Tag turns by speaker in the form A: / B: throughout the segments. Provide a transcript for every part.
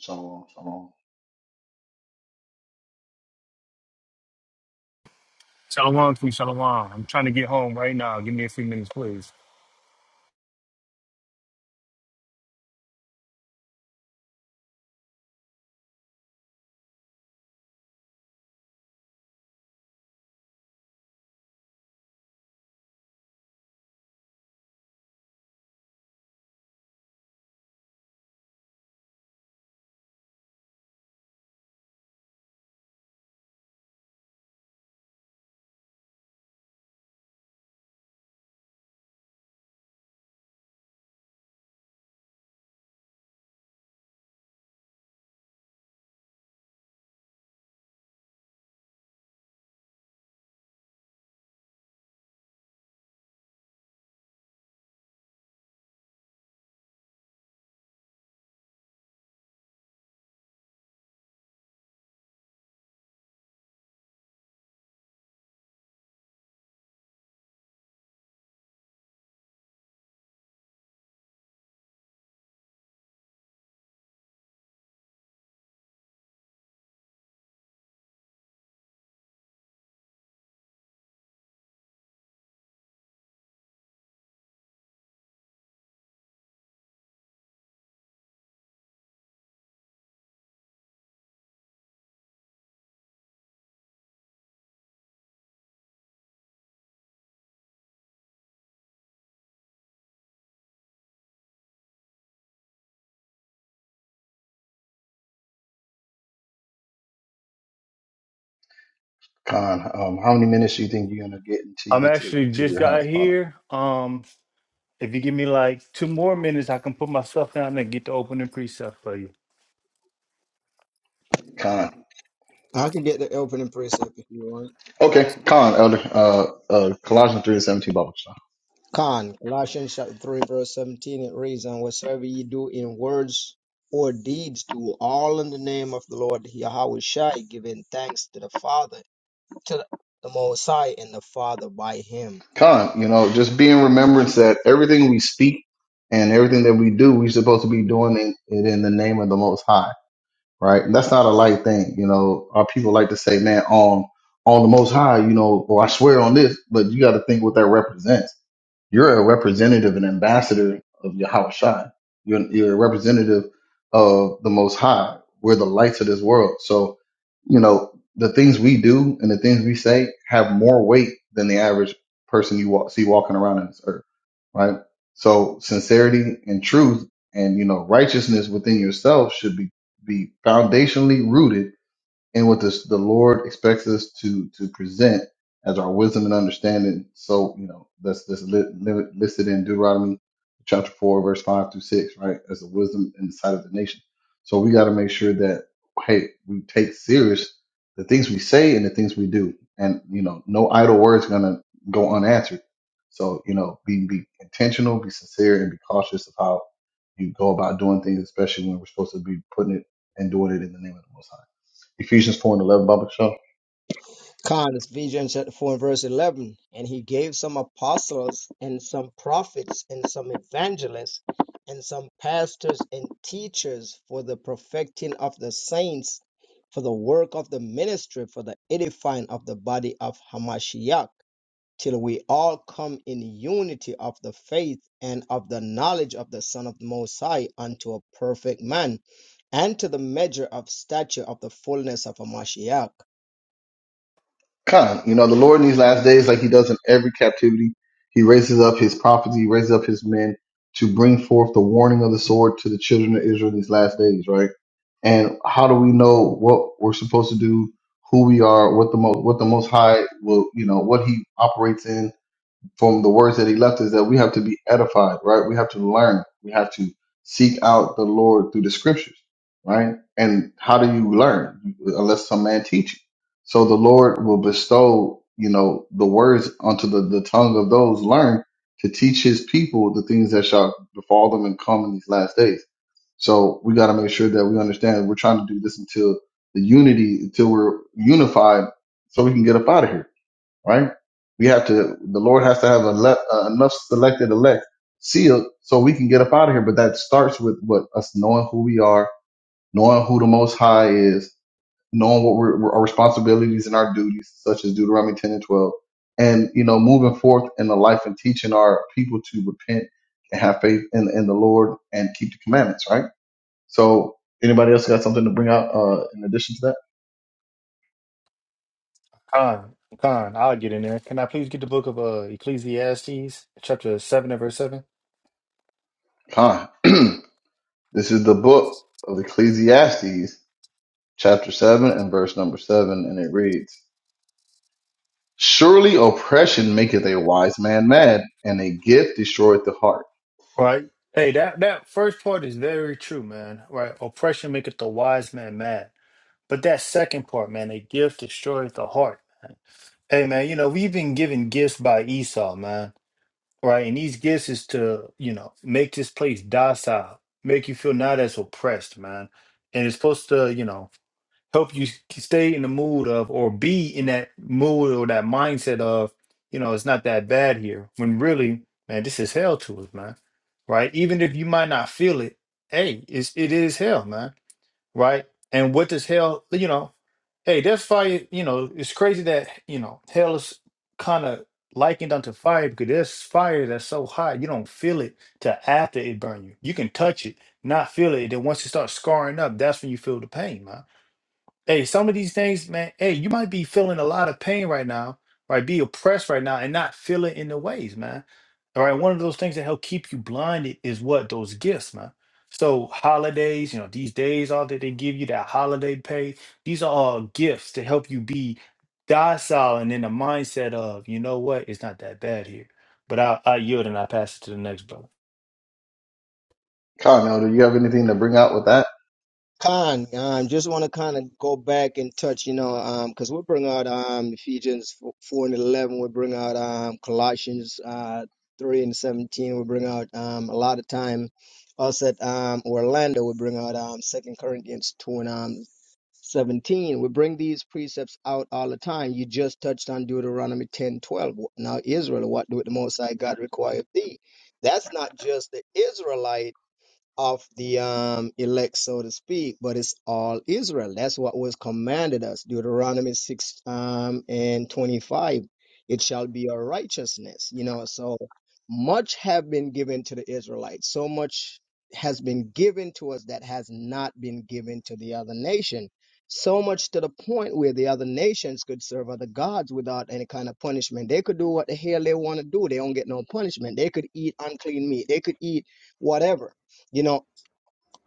A: Shalom, shalom.
B: Shalom, Queen Shalom. I'm trying to get home right now. Give me a few minutes, please.
A: Khan, um, how many minutes do you think you're gonna get until you
B: I'm
A: get to the,
B: actually
A: to
B: just
A: your
B: got
A: house, Father?
B: here. Um, if you give me like two more minutes, I can put my stuff down and get the opening precept for you.
A: Con,
C: I can get the opening precept if you want.
A: Okay, Con Elder, uh, uh, Colossians three and seventeen, Bible stuff.
C: Con, Colossians chapter 3, verse 17, it reads, And whatsoever ye do in words or deeds, do all in the name of the Lord Yahweh Shai, giving thanks to the Father, to the Most High, and the Father by him.
A: Con, you know, just be in remembrance that everything we speak and everything that we do, we're supposed to be doing it, it in the name of the Most High, right? And that's not a light thing, you know. Our people like to say, man, on on the Most High, you know, or I swear on this, but you got to think what that represents You're a representative and ambassador of Yahweh Shai. You're, you're a representative of the Most High. We're the lights of this world. So, you know, the things we do and the things we say have more weight than the average person you walk, see walking around on this earth, right? So sincerity and truth and, you know, righteousness within yourself should be, be foundationally rooted and what this, the Lord expects us to to present as our wisdom and understanding. So you know that's that's li- li- listed in Deuteronomy chapter four, verse five through six, right? As the wisdom in the sight of the nation. So we got to make sure that hey, we take serious the things we say and the things we do, and you know, no idle words gonna go unanswered. So you know, be be intentional, be sincere, and be cautious of how you go about doing things, especially when we're supposed to be putting it and doing it in the name of the Most High. Ephesians 4 and 11 Bible show.
C: Con is Ephesians chapter 4 and verse 11. And he gave some apostles and some prophets and some evangelists and some pastors and teachers for the perfecting of the saints, for the work of the ministry, for the edifying of the body of Hamashiach, till we all come in unity of the faith and of the knowledge of the Son of the Most High unto a perfect man, and to the measure of stature of the fullness of Hamashiach
A: Kind, you know, the Lord in these last days, like he does in every captivity, he raises up his prophets, he raises up his men to bring forth the warning of the sword to the children of Israel in these last days, right? And how do we know what we're supposed to do, who we are, what the most, what the most high will, you know, what he operates in, from the words that he left is that we have to be edified, right? We have to learn. We have to seek out the Lord through the scriptures, right? And how do you learn unless some man teach you? So the Lord will bestow, you know, the words unto the, the tongue of those learned to teach his people the things that shall befall them and come in these last days. So we got to make sure that we understand we're trying to do this until the unity, until we're unified so we can get up out of here right? We have to, the Lord has to have a le- uh, enough selected elect sealed so we can get up out of here. But that starts with what us knowing who we are, knowing who the Most High is, knowing what we're, we're- our responsibilities and our duties, such as Deuteronomy 10 and 12, and, you know, moving forth in the life and teaching our people to repent and have faith in, in the Lord and keep the commandments, right? So, anybody else got something to bring out uh, in addition to that?
B: Con, Con, I'll get in there. Can I please get the book of uh, Ecclesiastes, chapter 7 and verse 7?
A: Fine. this is the book of Ecclesiastes chapter 7 and verse number 7, and it reads, Surely oppression maketh a wise man mad, and a gift destroyeth the heart.
B: Right? Hey, that that first part is very true, man. Right? Oppression maketh the wise man mad, but that second part, man, a gift destroyeth the heart. Hey, man, you know we've been given gifts by Esau, man. right? And these gifts is to, you know, make this place docile, make you feel not as oppressed, man. And it's supposed to, you know, help you s- stay in the mood of or be in that mood or that mindset of, you know, it's not that bad here. When really, man, this is hell to us, man. Right? Even if you might not feel it, hey, it's it is hell, man. Right? And what does hell, you know? Hey, that's fire. You know, it's crazy that, you know, hell is kind of likened unto fire because there's fire that's so hot you don't feel it till after it burn you. You can touch it, not feel it. Then once it starts scarring up, that's when you feel the pain, man. Hey, some of these things, man, hey, you might be feeling a lot of pain right now, right? Be oppressed right now and not feel it in the ways, man. All right. One of those things that help keep you blinded is what? Those gifts, man. So holidays, you know, these days all that they give you, that holiday pay, these are all gifts to help you be docile and in the mindset of, you know what, it's not that bad here. But I, I yield and I pass it to the next brother.
A: Khan, Elder, you have anything to bring out with that?
C: Con, um, just want to kind of go back and touch, you know, um, because we'll bring out um Ephesians f- four and eleven, we'll bring out um Colossians uh three and seventeen, we'll bring out um a lot of time. Us at um Orlando, we bring out um Second Corinthians two and um 17 we bring these precepts out all the time you just touched on deuteronomy 10 12. now israel what do the most high god require of thee that's not just the israelites of the um, elect, so to speak, but it's all Israel. That's what was commanded us. Deuteronomy 6 um, and 25. It shall be a righteousness, you know. So much have been given to the Israelites. So much has been given to us that has not been given to the other nation. So much to the point where the other nations could serve other gods without any kind of punishment. They could do what the hell they want to do. They don't get no punishment. They could eat unclean meat. They could eat whatever you know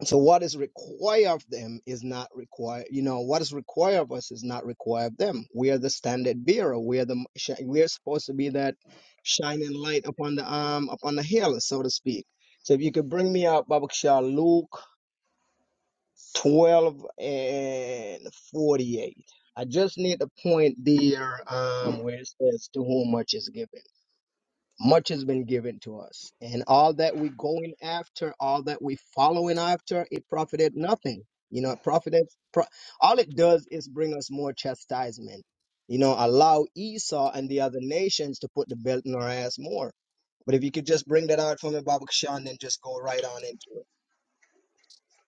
C: so what is required of them is not required you know what is required of us is not required of them we are the standard bearer we are the shi- we are supposed to be that shining light upon the um upon the hill so to speak so if you could bring me out babakshah luke 12 and 48 i just need to point there um where it says to whom much is given much has been given to us and all that we going after all that we following after it profited nothing you know it profited pro- all it does is bring us more chastisement you know allow esau and the other nations to put the belt in our ass more but if you could just bring that out for me Baba Kashan, then just go right on into it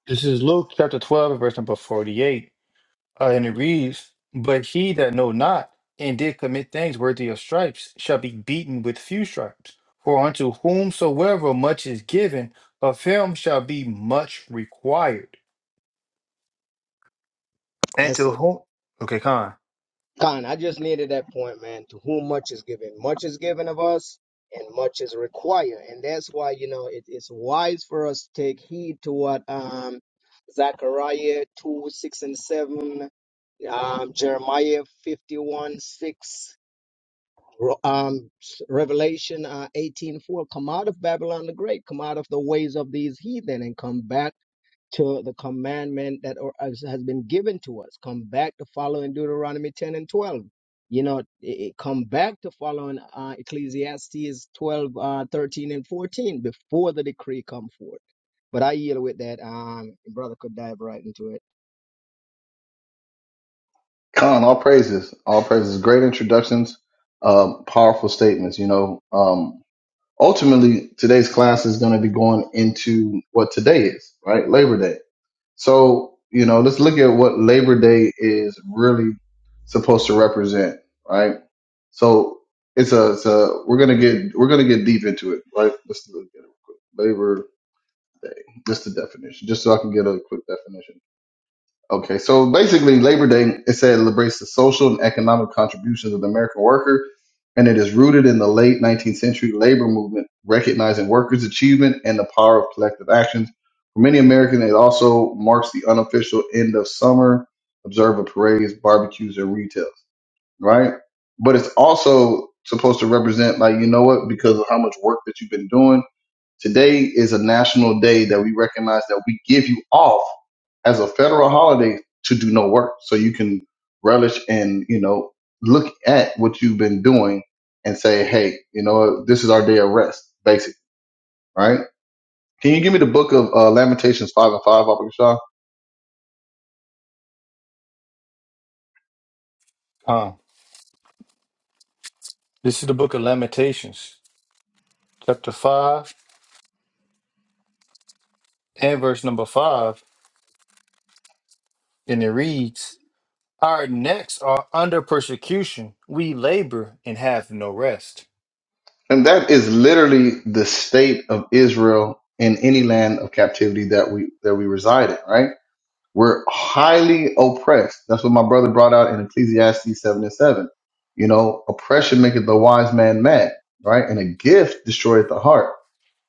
B: This is Luke chapter 12, verse number 48. Uh, and it reads, But he that know not and did commit things worthy of stripes shall be beaten with few stripes. For unto whomsoever much is given, of him shall be much required. And
C: That's it.
B: to whom? Okay, Khan.
C: Khan, I just needed that point, man. To whom much is given, much is given of us, and much is required, and that's why you know it, it's wise for us to take heed to what um, Zechariah two six and seven, um, Jeremiah fifty one six, Ro- um, Revelation uh, eighteen four. Come out of Babylon the Great, come out of the ways of these heathen, and come back to the commandment that or- has has been given to us. Come back to following Deuteronomy 10 and 12. You know, it, it- come back to following uh, Ecclesiastes 12, uh, 13, and 14 before the decree come forth. But I yield with that. Um, brother could dive right into it.
A: Khan, all praises, all praises. Great introductions, um, powerful statements. You know, um, ultimately, today's class is going to be going into what today is, right? Labor Day. So, you know, let's look at what Labor Day is really supposed to represent, right? So it's a, it's a we're gonna get we're gonna get deep into it, right? Let's look at it real quick. Labor, just the definition, just so I can get a quick definition. Okay, so basically, Labor Day it said celebrates the social and economic contributions of the American worker, and it is rooted in the late 19th century labor movement, recognizing workers' achievement and the power of collective actions. For many Americans, it also marks the unofficial end of summer, observe of parades, barbecues, and retails. Right, but it's also supposed to represent like you know what because of how much work that you've been doing Today is a national day that we recognize that we give you off as a federal holiday to do no work. So you can relish and, you know, look at what you've been doing and say, hey, you know, this is our day of rest, basically, right? Can you give me the book of uh, Lamentations 5 and 5, Abba Shah?
B: Khan. This is the book of Lamentations, chapter 5 and verse number 5. And it reads, Our necks are under persecution. We labor and have no rest.
A: And that is literally the state of Israel in any land of captivity that we that we reside in, right? We're highly oppressed. That's what my brother brought out in Ecclesiastes 7 and 7. You know, oppression maketh the wise man mad, right? And a gift destroyeth the heart.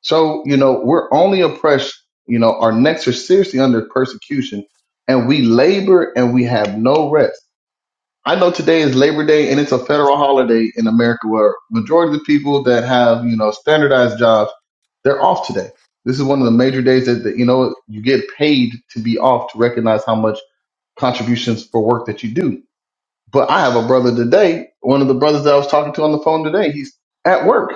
A: So, you know, we're only oppressed, you know, our necks are seriously under persecution and we labor and we have no rest. I know today is Labor Day and it's a federal holiday in America where majority of the people that have, you know, standardized jobs, they're off today this is one of the major days that, that you know you get paid to be off to recognize how much contributions for work that you do. But I have a brother today, one of the brothers that I was talking to on the phone today, he's at work.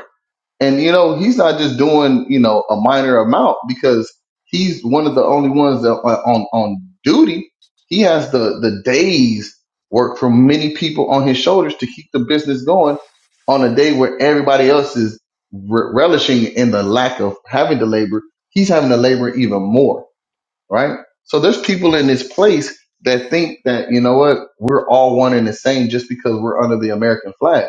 A: And you know, he's not just doing, you know, a minor amount because he's one of the only ones that are on on duty. He has the the days work from many people on his shoulders to keep the business going on a day where everybody else is re- relishing in the lack of having to labor. He's having to labor even more right? So there's people in this place that think that, you know what, we're all one and the same just because we're under the American flag.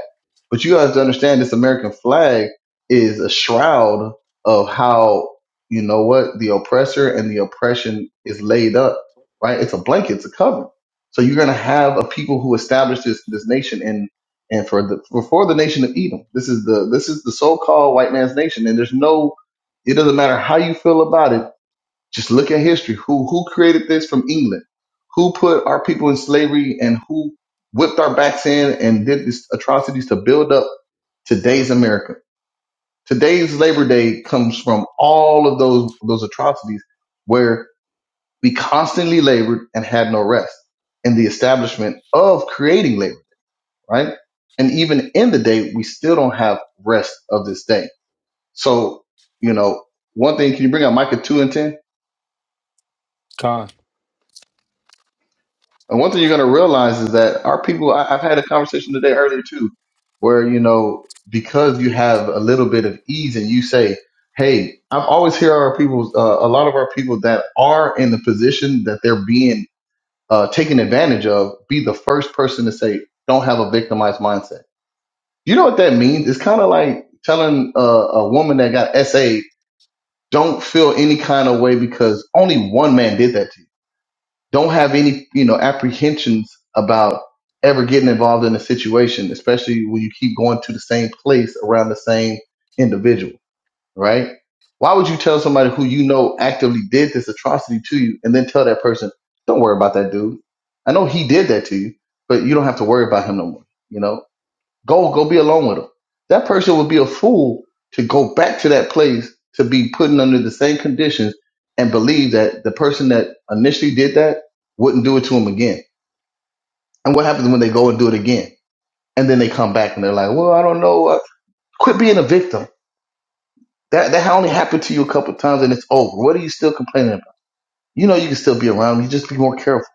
A: But you guys to understand this American flag is a shroud of how, you know what, the oppressor and the oppression is laid up, right? It's a blanket, it's a cover. So you're going to have a people who established this, this nation and and for the for for the nation of Edom, this is the this is the so-called white man's nation, and there's no, it doesn't matter how you feel about it just look at history. Who who created this from England? Who put our people in slavery and who whipped our backs in and did these atrocities to build up today's America? Today's Labor Day comes from all of those those atrocities where we constantly labored and had no rest in the establishment of creating labor, right? And even in the day, we still don't have rest of this day. So, you know, one thing, can you bring out Micah 2 and 10?
B: Khan.
A: And one thing you're going to realize is that our people, I, I've had a conversation today earlier too, where, you know, because you have a little bit of ease and you say, Hey, I've always hear our people, uh, a lot of our people that are in the position that they're being uh, taken advantage of, be the first person to say, don't have a victimized mindset. You know what that means? It's kind of like telling a, a woman that got SA, don't feel any kind of way because only one man did that to you don't have any, you know, apprehensions about ever getting involved in a situation, especially when you keep going to the same place around the same individual, right? Why would you tell somebody who you know actively did this atrocity to you and then tell that person, don't worry about that dude? I know he did that to you, but you don't have to worry about him no more, you know? Go, go be alone with them. That person would be a fool to go back to that place to be put under the same conditions and believe that the person that initially did that wouldn't do it to him again. And what happens when they go and do it again? And then they come back and they're like, well, I don't know. Uh, quit being a victim. That, that only happened to you a couple of times and it's over. What are you still complaining about? You know, you can still be around. 'em. You just be more careful.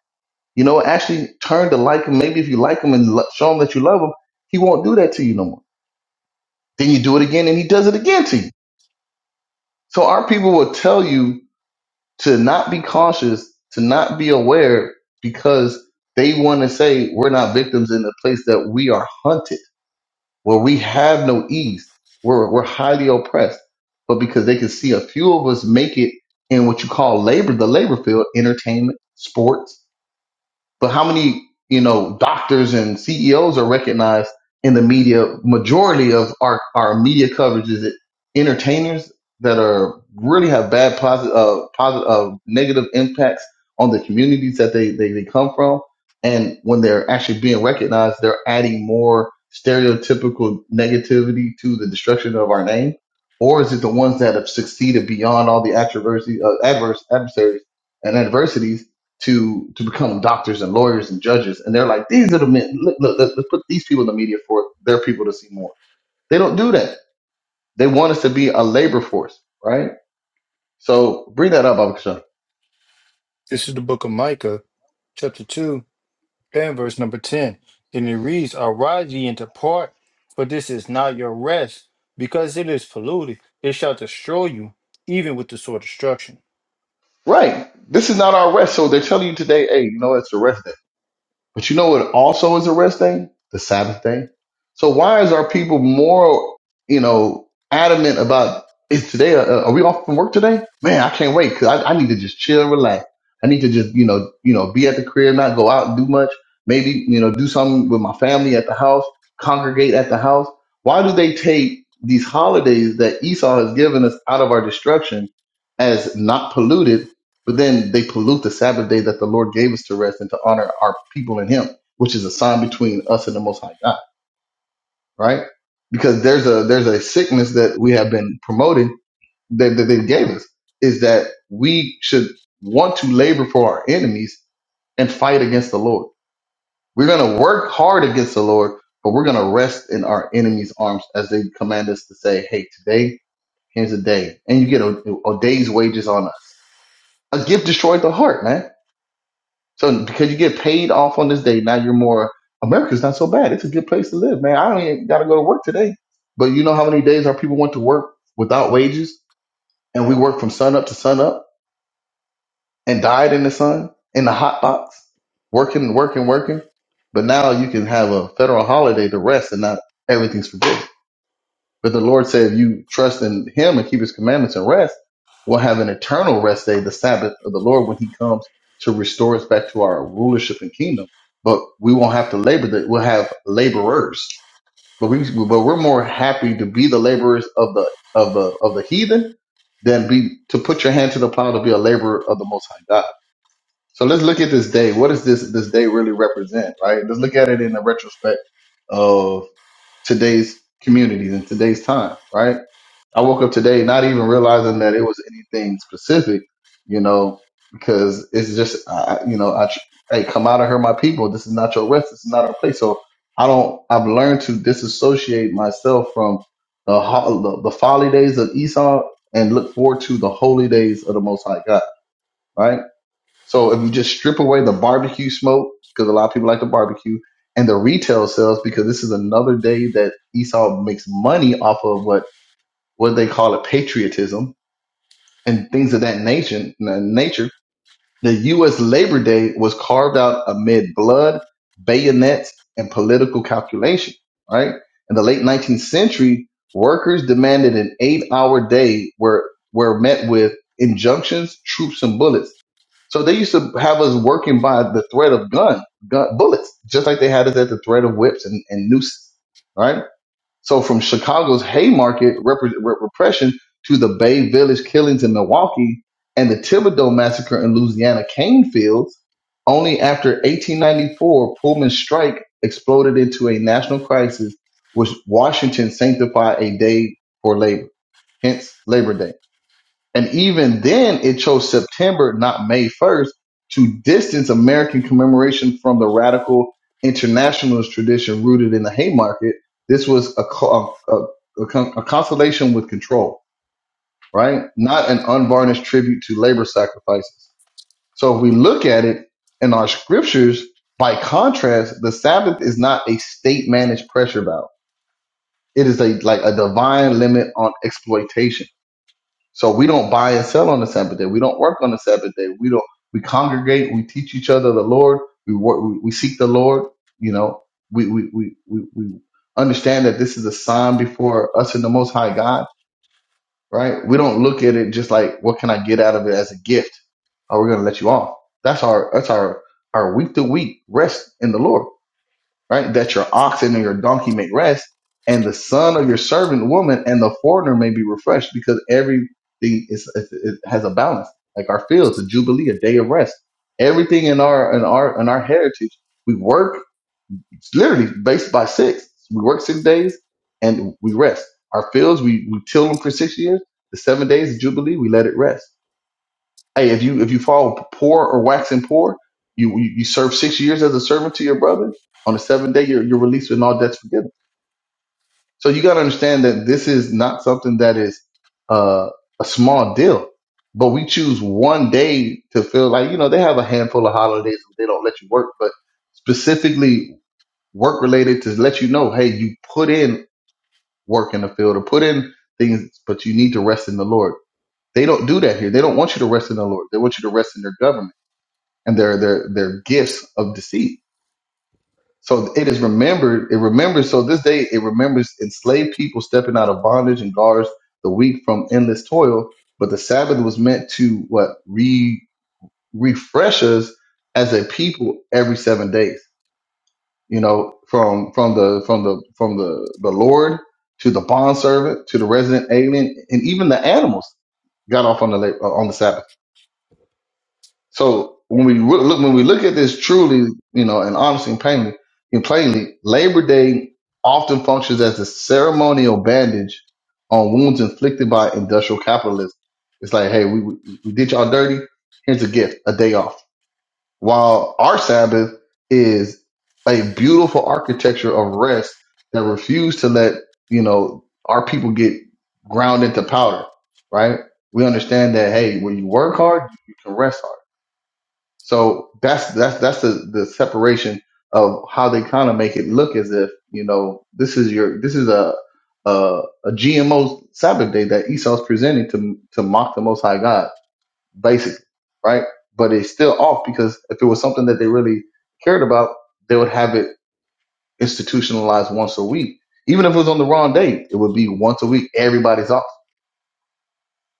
A: You know, actually turn to like him. Maybe if you like him and lo- show him that you love him, he won't do that to you no more. Then you do it again and he does it again to you So our people will tell you to not be cautious, to not be aware, because they want to say we're not victims in the place that we are hunted, where we have no ease, where we're highly oppressed. But because they can see a few of us make it in what you call labor, the labor field, entertainment, sports, but how many, you know, doctors and CEOs are recognized in the media? Majority of our, our media coverage is entertainers that are really have bad positive, uh, positive, uh, negative impacts on the communities that they, they, they come from. And when they're actually being recognized, they're adding more stereotypical negativity to the destruction of our name. Or is it the ones that have succeeded beyond all the adversity, uh, adverse adversaries and adversities? to to become doctors and lawyers and judges, and they're like, these are the men. Look, look, let's, let's put these people in the media for their people to see more. They don't do that. They want us to be a labor force, right? So bring that up, Abakasha.
B: This is the book of Micah, chapter 2 and verse number 10. Then it reads, Arise ye and depart, for this is not your rest, because it is polluted. It shall destroy you, even with the sore destruction.
A: Right. This is not our rest. So they're telling you today, hey, you know, it's a rest day But you know what also is a rest day? The Sabbath day. So why is our people more, you know, adamant about is today, uh, uh, are we off from work today? Man, I can't wait because I, I need to just chill and relax. I need to just, you know, you know, be at the crib, not go out and do much. Maybe, you know, do something with my family at the house, congregate at the house. Why do they take these holidays that Esau has given us out of our destruction as not polluted but then they pollute the Sabbath day that the Lord gave us to rest and to honor our people in Him, which is a sign between us and the Most High God, right? Because there's a there's a sickness that we have been promoting that, that they gave us is that we should want to labor for our enemies and fight against the Lord. We're gonna work hard against the Lord, but we're gonna rest in our enemies' arms as they command us to say, "Hey, today here's a day," and you get a, a day's wages on us. A gift destroyed the heart, man So because you get paid off on this day, now you're more America's not so bad. It's a good place to live, man. I don't even gotta go to work today. But you know how many days our people went to work without wages and we worked from sun up to sun up and died in the sun, in the hot box, working, working, working. But now you can have a federal holiday to rest and not everything's forbidden. But the Lord said, if you trust in him and keep his commandments and rest, we'll have an eternal rest day, the Sabbath of the Lord, when he comes to restore us back to our rulership and kingdom. But we won't have to labor that we'll have laborers. But we but we're more happy to be the laborers of the of the of the heathen than be to put your hand to the plow to be a laborer of the most high God. So let's look at this day. What does this this day really represent, right? Let's look at it in the retrospect of today's communities and today's time, right? I woke up today not even realizing that it was anything specific, you know, because it's just, I, you know, I, tr- hey, come out of her, my people. This is not your rest. This is not our place. So I don't, I've learned to disassociate myself from the, ho- the, the folly days of Esau and look forward to the holy days of the Most High God, right? So if you just strip away the barbecue smoke, because a lot of people like to barbecue, and the retail sales, because this is another day that Esau makes money off of what what they call it patriotism and things of that nation nature the u.s labor day was carved out amid blood bayonets and political calculation right in the late 19th century workers demanded an eight-hour day where were met with injunctions troops and bullets so they used to have us working by the threat of gun, gun bullets just like they had us at the threat of whips and, and nooses right so from Chicago's Haymarket repre- re- repression to the Bay Village killings in Milwaukee and the Thibodeau massacre in Louisiana cane fields, only after 1894 Pullman's strike exploded into a national crisis, which Washington sanctified a day for labor, hence Labor Day. And even then, it chose September, not May 1st, to distance American commemoration from the radical internationalist tradition rooted in the Haymarket. This was a, co- a, a, a con- a consolation with control, right? Not an unvarnished tribute to labor sacrifices. So if we look at it in our scriptures, by contrast, the Sabbath is not a state managed pressure valve. It is a like a divine limit on exploitation so we don't buy and sell on the Sabbath day. We don't work on the Sabbath day. We don't. We congregate. We teach each other the Lord. We work. We, we seek the Lord. You know, we we we we we understand that this is a sign before us and the Most High God. Right? We don't look at it just like what can I get out of it as a gift. Oh, we're gonna let you off. That's our that's our our week to week rest in the Lord right? That your oxen and your donkey may rest, and the son of your servant woman and the foreigner may be refreshed, because everything is is- it has a balance. Like our fields, a jubilee, a day of rest. Everything in our in our in our heritage, we work it's literally based by six. We work six days and we rest. Our fields, we we till them for six years. The seven days of jubilee, we let it rest Hey, if you if you fall poor or waxing poor, you you you serve six years as a servant to your brother. On the seventh day, you're you're released and all debts forgiven. So you got to understand that this is not something that is uh, a small deal. But we choose one day to feel like you know they have a handful of holidays where they don't let you work, but specifically work related to let you know, hey, you put in work in the field or put in things, but you need to rest in the Lord. They don't do that here. They don't want you to rest in the Lord. They want you to rest in their government and their their their gifts of deceit. So it is remembered. It remembers. So this day it remembers enslaved people stepping out of bondage and guards the weak from endless toil. But the Sabbath was meant to what re refresh us as a people every seven days. You know, from from the from the from the the Lord to the bond servant to the resident alien and even the animals got off on the la- on the Sabbath. So when we re- look, when we look at this truly, you know, and honestly and plainly, and plainly, Labor Day often functions as a ceremonial bandage on wounds inflicted by industrial capitalism. It's like, hey, we, we we did y'all dirty. Here's a gift, a day off. While our Sabbath is a beautiful architecture of rest that refused to let you know our people get ground into powder. Right? We understand that hey, when you work hard, you can rest hard so that's that's that's the, the separation of how they kind of make it look as if you know this is your this is a a, GMO Sabbath day that Esau's presenting to to mock the Most High God, basically, right? But it's still off because if it was something that they really cared about, they would have it institutionalized once a week. Even if it was on the wrong day, it would be once a week. Everybody's off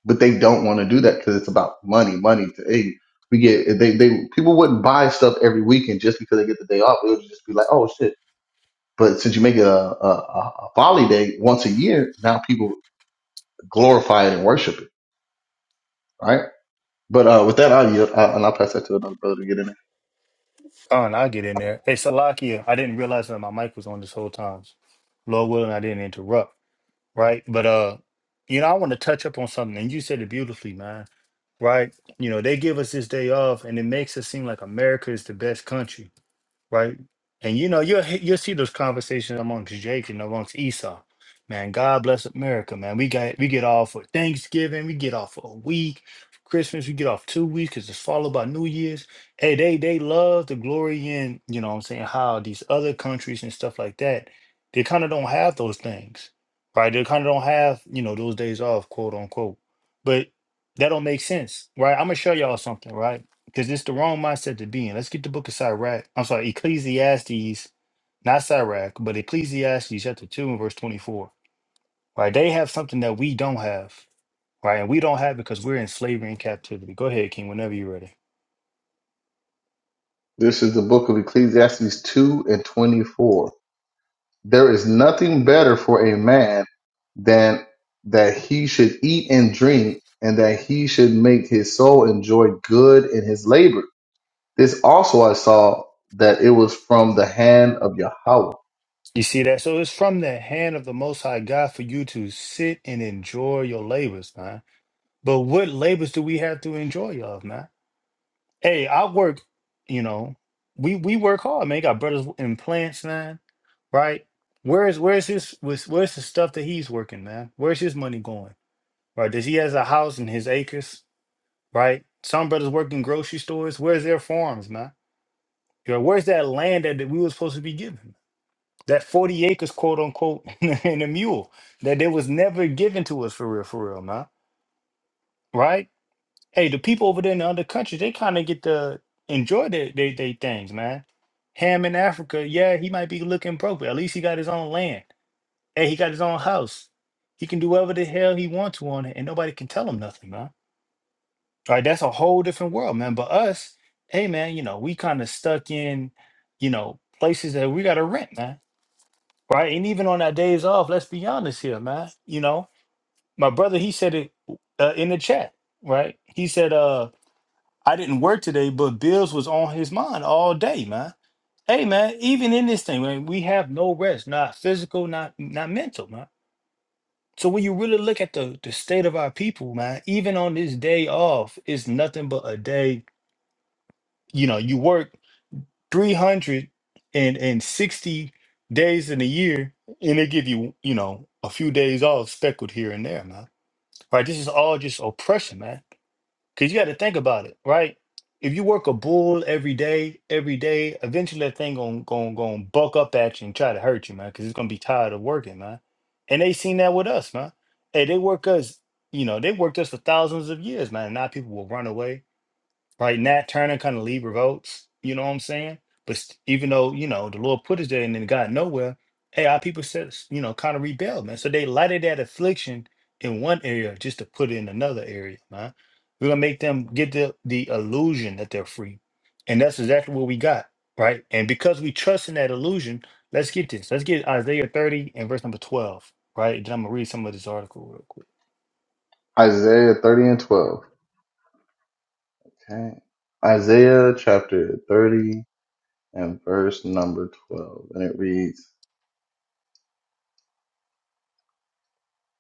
A: but they don't want to do that because it's about money, money. To, hey, we get they they people wouldn't buy stuff every weekend just because they get the day off. It would just be like, oh shit. But since you make it a a, a a holiday once a year, now people glorify it and worship it, right? But uh, with that, I'll yield, uh, and I'll pass that to another brother to get in there.
B: Oh, and I get in there. Hey, Salakia, I didn't realize that my mic was on this whole time. Lord willing, I didn't interrupt, right? But, uh, you know, I want to touch up on something, and you said it beautifully, man, right? You know, they give us this day off, and it makes us seem like America is the best country right? And you know, you'll he- you'll see those conversations amongst Jake and amongst Esau. Man, God bless America, man. We got we get off for Thanksgiving, we get off for a week, for Christmas, we get off two weeks because it's followed by New Year's. Hey, they they love the glory in, you know what I'm saying, how these other countries and stuff like that, they kind of don't have those things. Right? They kind of don't have, you know, those days off, quote unquote. But that don't make sense, right? I'm gonna show y'all something, right? because it's the wrong mindset to be in. Let's get the book of Sirach. I'm sorry, Ecclesiastes, not Sirach, but Ecclesiastes chapter 2 and verse 24. Right? They have something that we don't have. Right. And we don't have because we're in slavery and captivity. Go ahead, King, whenever you're ready.
A: This is the book of Ecclesiastes two and twenty four. There is nothing better for a man than that he should eat and drink and that he should make his soul enjoy good in his labor. This also I saw that it was from the hand of Yahweh.
B: You see that? So it's from the hand of the Most High God for you to sit and enjoy your labors, man. But what labors do we have to enjoy, y'all, man? Hey, I work, you know, we we work hard, man. Got brothers in plants, man right? Where's where's his where's, where's the stuff that he's working, man? Where's his money going? Right? Does he has a house and his acres, right? Some brothers work in grocery stores. Where's their farms, man? You know, where's that land that, that we were supposed to be given? That 40 acres, quote unquote, and a mule that they was never given to us for real, for real, man. Right? Hey, the people over there in the other countries, they kind of get to enjoy their, their, their things, man. Ham in Africa, yeah, he might be looking broke, but at least he got his own land Hey, he got his own house. He can do whatever the hell he wants to on it, and nobody can tell him nothing, man. Right? That's a whole different world, man. But us, hey, man, you know, we kind of stuck in, you know, places that we got to rent, man. Right? And even on our days off, let's be honest here, man. You know, my brother, he said it uh, in the chat, right? He said, uh, I didn't work today, but bills was on his mind all day, man. Hey, man, even in this thing, man, we have no rest, not physical, not not mental, man So when you really look at the the state of our people, man, even on this day off, it's nothing but a day. You know, you work 360 days in a year, and they give you, you know, a few days off speckled here and there, man. Right? This is all just oppression, man. Because you got to think about it, right? If you work a bull every day, every day, eventually that thing going gon' gon' to buck up at you and try to hurt you, man, because it's going to be tired of working, man. And they seen that with us, man. Hey, they work us, you know, they worked us for thousands of years, man. And now people will run away. Like Nat Turner kind of lead revolts, you know what I'm saying? But st- even though, you know, the Lord put us there and then got nowhere, hey, our people said, s- you know, kind of rebelled, man. So they lighted that affliction in one area just to put it in another area, man. We're gonna make them get the the illusion that they're free. And that's exactly what we got, right? And because we trust in that illusion, let's get this. Let's get Isaiah 30 and verse number 12, right? Then I'm gonna read some of this article real quick.
A: Isaiah 30 and 12. Okay. Isaiah chapter 30 and verse number 12. And it reads,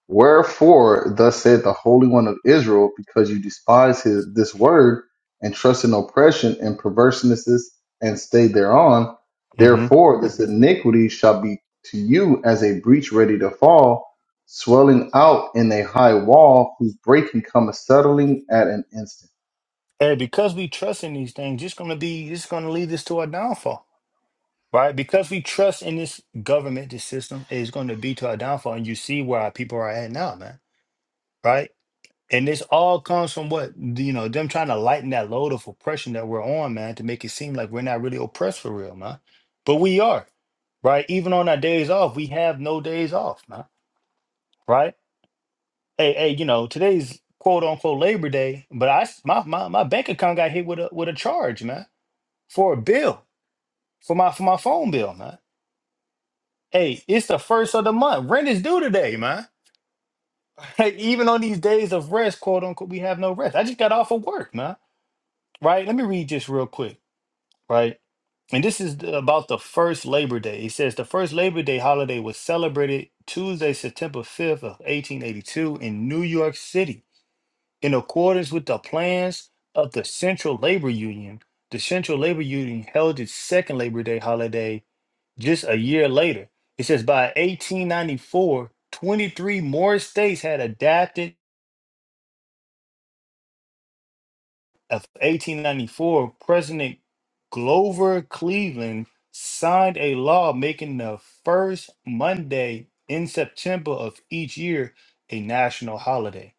A: Wherefore, thus said the Holy One of Israel, because you despise his, this word and trust in oppression and perversenesses and stay thereon, therefore this iniquity shall be to you as a breach ready to fall, swelling out in a high wall, whose breaking cometh suddenly at an instant.
B: And because we trust in these things, it's going to be, it's going to lead us to our downfall, right? Because we trust in this government, this system is going to be to our downfall. And you see where our people are at now, man, right? And this all comes from what, you know, them trying to lighten that load of oppression that we're on, man, to make it seem like we're not really oppressed for real, man. But we are, right? Even on our days off, we have no days off, man, right? Hey, hey, you know, today's quote unquote Labor Day, but I, s- my, my, my bank account got hit with a, with a charge, man, for a bill for my for my phone bill, man. Hey, it's the first of the month. Rent is due today, man. Hey, even on these days of rest, quote unquote, we have no rest. I just got off of work, man. Right? Let me read just real quick, right? And this is the- about the first Labor Day. It says the first Labor Day holiday was celebrated Tuesday, September 5th of 1882 in New York City in accordance with the plans of the Central Labor Union. The Central Labor Union held its second Labor Day holiday just a year later. It says by 1894, 23 more states had adapted. Of 1894, President Glover Cleveland signed a law making the first Monday in September of each year a national holiday.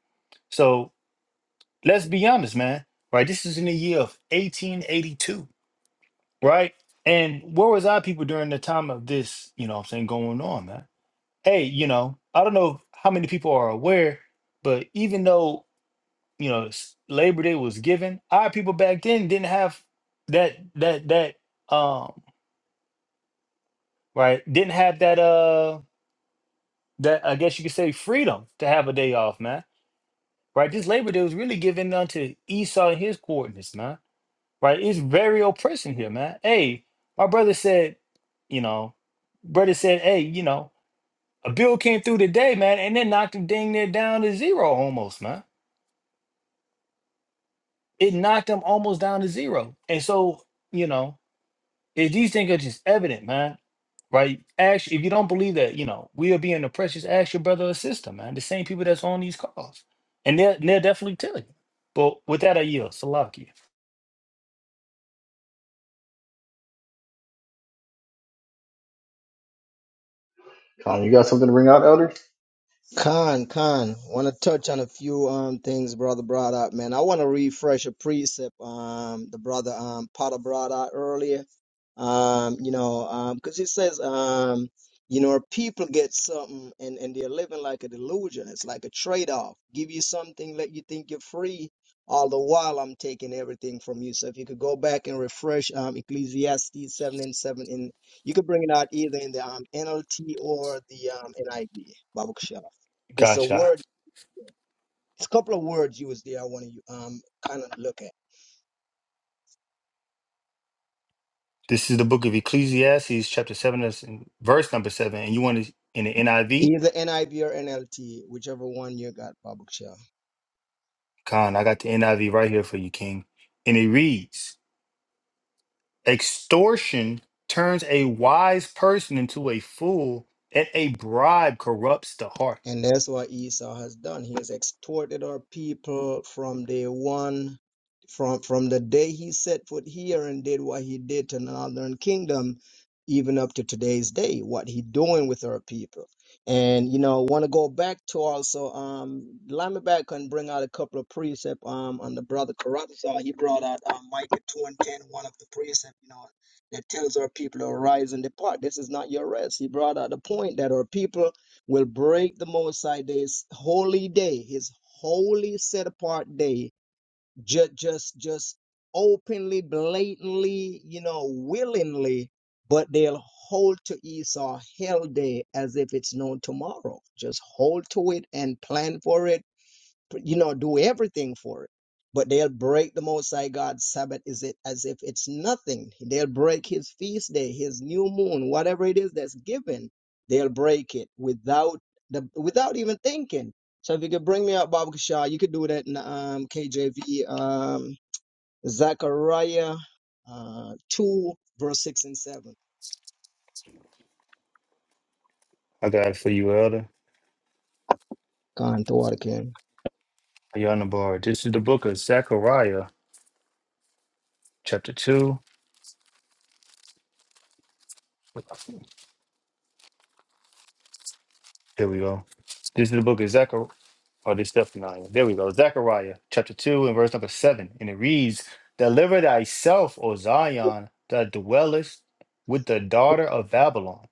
B: So let's be honest, man, right? This is in the year of 1882, right? And where was our people during the time of this, you know what I'm saying, going on, man? hey, you know, I don't know how many people are aware, but even though you know s- Labor Day was given, our people back then didn't have that that that um right didn't have that uh that I guess you could say freedom to have a day off, man. Right, this Labor Day was really given unto Esau and his coordinates, man. Right, it's very oppressive here, man. Hey, my brother said, you know, brother said, hey, you know, a bill came through today, man, and then knocked him dang near down to zero almost, man It knocked them almost down to zero. And so, you know, if these things are just evident, man, right? Ask if you don't believe that, you know, we are being oppressed, just ask your brother or sister, man. The same people that's on these calls. And they'll they'll definitely tell you. But with that I yield. Salakia.
A: Colin, you got something to bring out, elders?
C: Khan, Khan, want to touch on a few um things brother brought up, man. I want to refresh a precept um the brother um Potter brought out earlier. Um, you know, um, because it says um, you know, people get something and and they're living like a delusion. It's like a trade-off. Give you something, let you think you're free, all the while I'm taking everything from you. So if you could go back and refresh um Ecclesiastes seven and seven, in you could bring it out either in the um NLT or the um NIV. Baruch Shalom. Because a
B: Gotcha.
C: word, it's a couple of words used there I want to um kind of look at.
B: This is the book of Ecclesiastes, chapter seven, that's in verse number seven. And you want it in the NIV?
C: Either NIV or NLT, whichever one you got, Babuksha.
B: Khan, I got the NIV right here for you, King. And it reads. Extortion turns a wise person into a fool, and a bribe corrupts the heart.
C: And that's what Esau has done. He has extorted our people from day one, from from the day he set foot here and did what he did to the northern kingdom, even up to today's day. What he doing with our people? And you know, want to go back to also um, Lamberback can bring out a couple of precept um on the brother Karatha. He brought out um, Micah two and ten, one of the precept, you know, that tells our people to arise and depart. This is not your rest. He brought out the point that our people will break the Moabite day, his holy day, his holy set apart day, just just just openly, blatantly, you know, willingly, but they'll hold to Esau hell day as if it's no tomorrow. Just hold to it and plan for it you know, do everything for it. But they'll break the Most High God's Sabbath is it as if it's nothing. They'll break his feast day, his new moon, whatever it is that's given, they'll break it without the without even thinking. So if you could bring me up Bob Kashar, you could do that in um KJV um Zechariah uh two verse six and seven.
B: I got it for you, Elder.
C: gone throughout again.
B: Are you on the board? This is the book of Zechariah, chapter 2. Here we go. This is the book of Zechariah. Oh, this is definitely. There we go. Zechariah, chapter 2, and verse number 7. And it reads Deliver thyself, O Zion, that dwellest with the daughter of Babylon.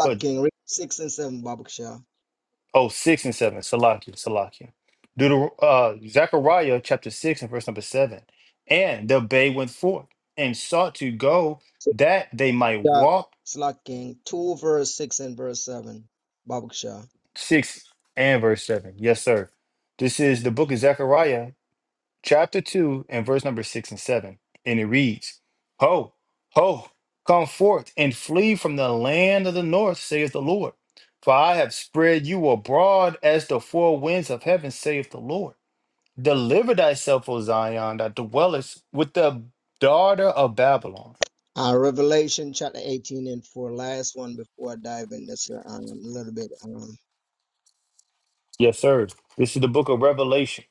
B: for."
C: King, read 6 and 7, Babakshah.
B: Oh, six and seven. Salakia, Salakia. Deuter- uh, Zechariah chapter six and verse number seven. And the bay went forth and sought to go that they might
C: Yeah,
B: walk.
C: Slack King, 2 verse 6 and verse 7, Babakshah.
B: Six and verse seven. Yes, sir. This is the book of Zechariah chapter two and verse number six and seven. And it reads, Ho, ho, come forth and flee from the land of the north, saith the Lord. For I have spread you abroad as the four winds of heaven, saith the Lord. Deliver thyself, O Zion, that dwellest with the daughter of Babylon.
C: Uh, Revelation chapter 18 and 4, last one before I dive in this here um, a little bit. Um,
B: Yes, sir. This is the book of Revelation,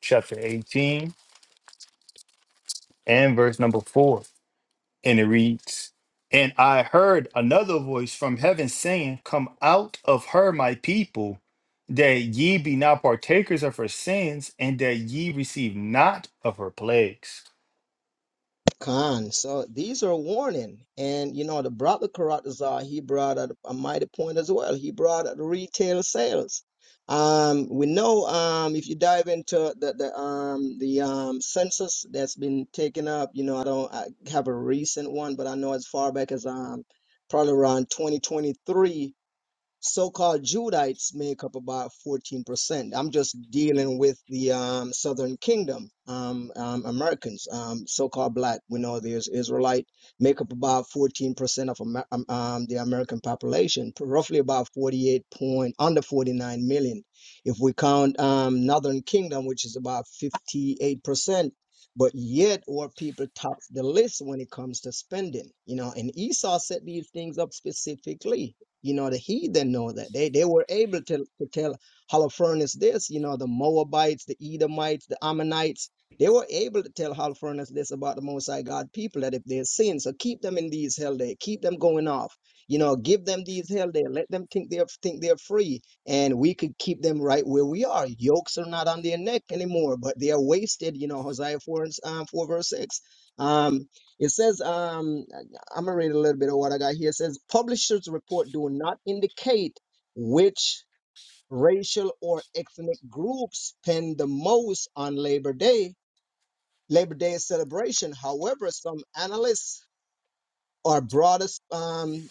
B: chapter 18 and verse number 4. And it reads And I heard another voice from heaven saying, Come out of her, my people, that ye be not partakers of her sins, and that ye receive not of her plagues.
C: Khan. So these are a warning. And you know, the brother Karatazar, he brought up a mighty point as well. He brought out retail sales. Um, we know um if you dive into the, the um the um census that's been taken up, you know, I don't I have a recent one, but I know as far back as um probably around 2023 so-called Judites make up about 14%. I'm just dealing with the um, Southern Kingdom um, um, Americans, um, so-called black. We know there's Israelite make up about 14% of Amer- um, um, the American population, roughly about 48 point under 49 million. If we count um, Northern Kingdom, which is about 58%. But yet, our people top the list when it comes to spending, you know. And Esau set these things up specifically you know, the heathen know that. They they were able to, to tell Holofernes this, you know, the Moabites, the Edomites, the Ammonites, they were able to tell Holofernes this about the Most High God people that if they sin, so keep them in these hell day, keep them going off. You know, give them these hell day, let them think they're think they're free, and we could keep them right where we are. Yokes are not on their neck anymore, but they are wasted. You know, Hosea four and s- um, four verse six. Um, it says, um, I'm gonna read a little bit of what I got here. It says publishers report do not indicate which racial or ethnic groups spend the most on Labor Day, Labor Day celebration. However, some analysts or broader um,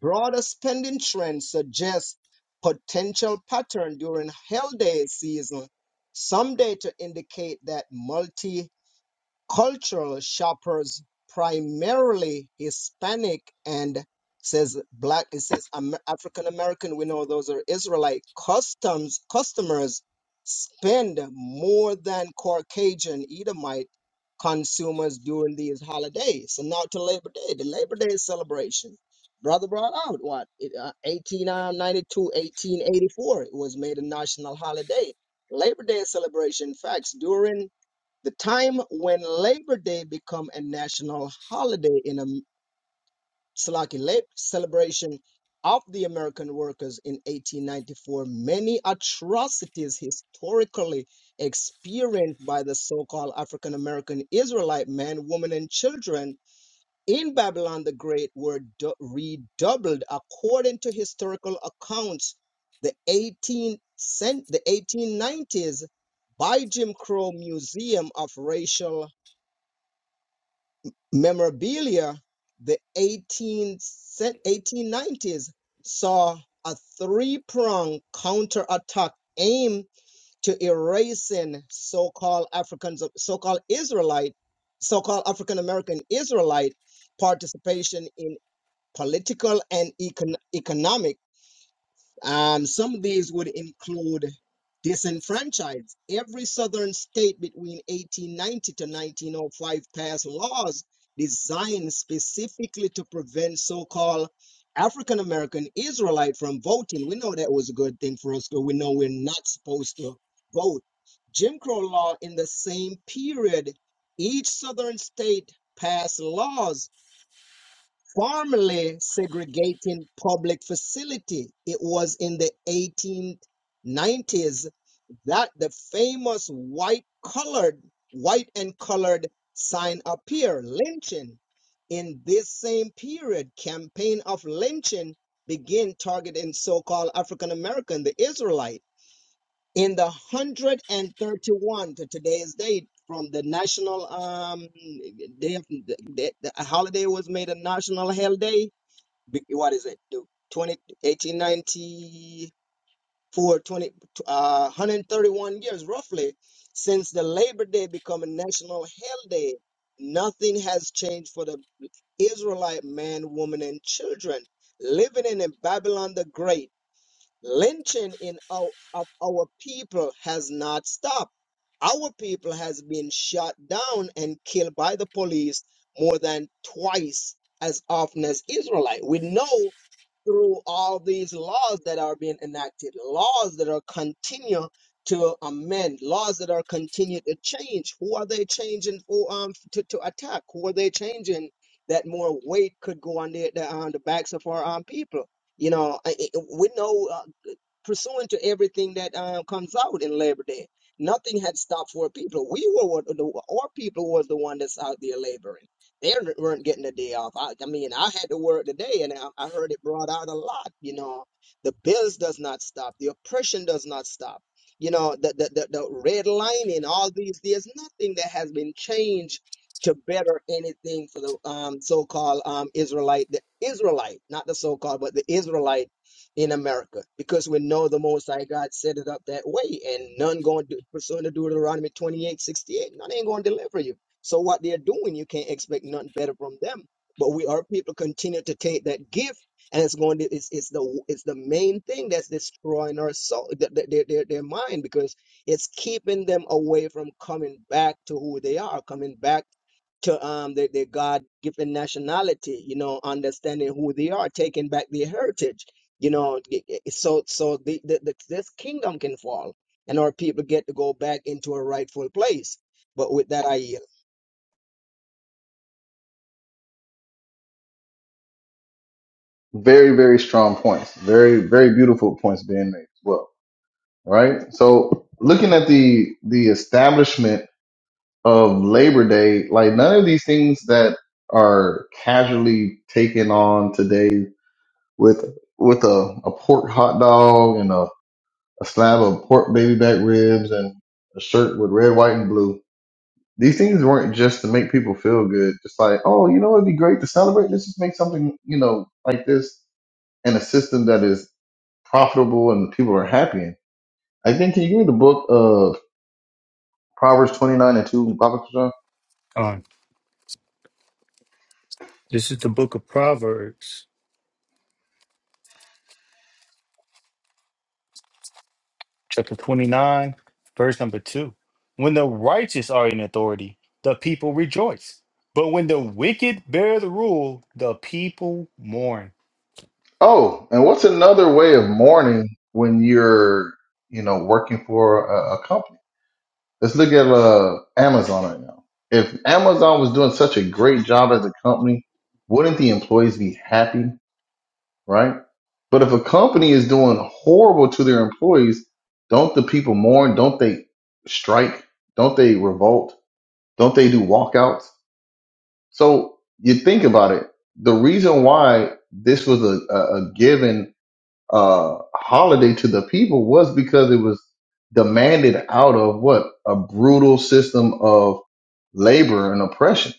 C: broader spending trends suggest potential pattern during holiday season. Some data indicate that multi cultural shoppers, primarily Hispanic and says black, it says Am- African American. We know those are Israelite customs customers spend more than Caucasian Edomite consumers during these holidays. So now to Labor Day, the Labor Day celebration. Brother brought out what it, uh, 1892, It was made a national holiday. Labor Day celebration. Facts during the time when Labor Day become a national holiday in a Slaki late celebration of the American workers in 1894, many atrocities historically experienced by the so-called African American Israelite men, women, and children in Babylon the Great were du- redoubled according to historical accounts. The 18 cent- the 1890s by Jim Crow Museum of Racial Memorabilia, the 18, 1890s saw a three pronged counterattack aimed to erasing so called Africans, so called Israelite, so called African American Israelite participation in political and econ- economic. Um, some of these would include disenfranchise. Every southern state between 1890 to 1905 passed laws designed specifically to prevent so called African American Israelite from voting. We know that was a good thing for us because we know we're not supposed to vote. Jim Crow law in the same period, each southern state passed laws formally segregating public facility. It was in the 1890s that the famous white colored, white and colored sign appeared, lynching. In this same period, campaign of lynching began targeting so-called African American, the Israelite. In the 131 to today's date, from the national um, day, of- the, the holiday was made a national hell day be- what is it? The twenty eighteen ninety four twenty uh, 131 years roughly since the Labor Day become a national holiday. Nothing has changed for the Israelite man, woman, and children living in Babylon the Great. Lynching in our, of our people has not stopped. Our people has been shot down and killed by the police more than twice as often as Israelite. We know through all these laws that are being enacted, laws that are continue to amend, laws that are continue to change. Who are they changing for um to, to attack? Who are they changing that more weight could go on the, the on the backs of our um people? You know, I, I- we know pursuant to everything that um, comes out in Labor Day. Nothing had stopped for people. We were what the, our people was the one that's out there laboring. They weren't getting a day off. I, I mean, I had to work today, and I, I heard it brought out a lot. You know, the bills does not stop. The oppression does not stop. You know, the the the, the red lining. All these there's nothing that has been changed to better anything for the um, so-called um, Israelite, the Israelite, not the so-called, but the Israelite in America because we know the Most High God set it up that way, and none going to pursuing the Deuteronomy 28:68, None ain't going to deliver you. So, what they're doing, you can't expect nothing better from them. But we are people continue to take that gift, and it's going to it's, it's the it's the main thing that's destroying our soul, th- th- their, their, their mind, because it's keeping them away from coming back to who they are, coming back to um their, their God given nationality, you know, understanding who they are, taking back their heritage you know so so the, the, the this kingdom can fall and our people get to go back into a rightful place but with that i yield
A: Very, very strong points. Very, very beautiful points being made as well. Right? So looking at the the establishment of Labor Day, like none of these things that are casually taken on today with with a, a pork hot dog and a, a slab of pork baby back ribs and a shirt with red, white, and blue. These things weren't just to make people feel good. Just like, oh, you know, it'd be great to celebrate. Let's just make something, you know, like this in a system that is profitable and people are happy in. I think, can you give me the book of Proverbs 29 and 2, Baba
B: Um, this is the book of Proverbs, chapter 29, verse number 2. When the righteous are in authority, the people rejoice. But when the wicked bear the rule, the people mourn.
A: Oh, and what's another way of mourning when you're, you know, working for a, a company? Let's look at uh, Amazon right now. If Amazon was doing such a great job as a company, wouldn't the employees be happy, right? But if a company is doing horrible to their employees, don't the people mourn? Don't they strike? Don't they revolt? Don't they do walkouts? So you think about it. The reason why this was a, a, a given uh, holiday to the people was because it was demanded out of what a brutal system of labor and oppression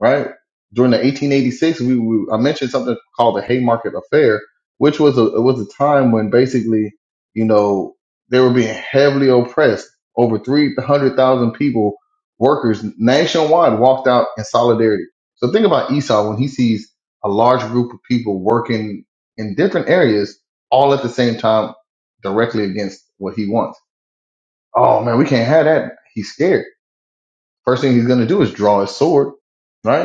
A: right? During the 1886, we, we I mentioned something called the Haymarket Affair, which was a it was a time when basically, you know, they were being heavily oppressed. Over 300,000 people, workers nationwide, walked out in solidarity. So think about Esau when he sees a large group of people working in different areas all at the same time, directly against what he wants. Oh man, we can't have that. He's scared. First thing he's going to do is draw his sword, right?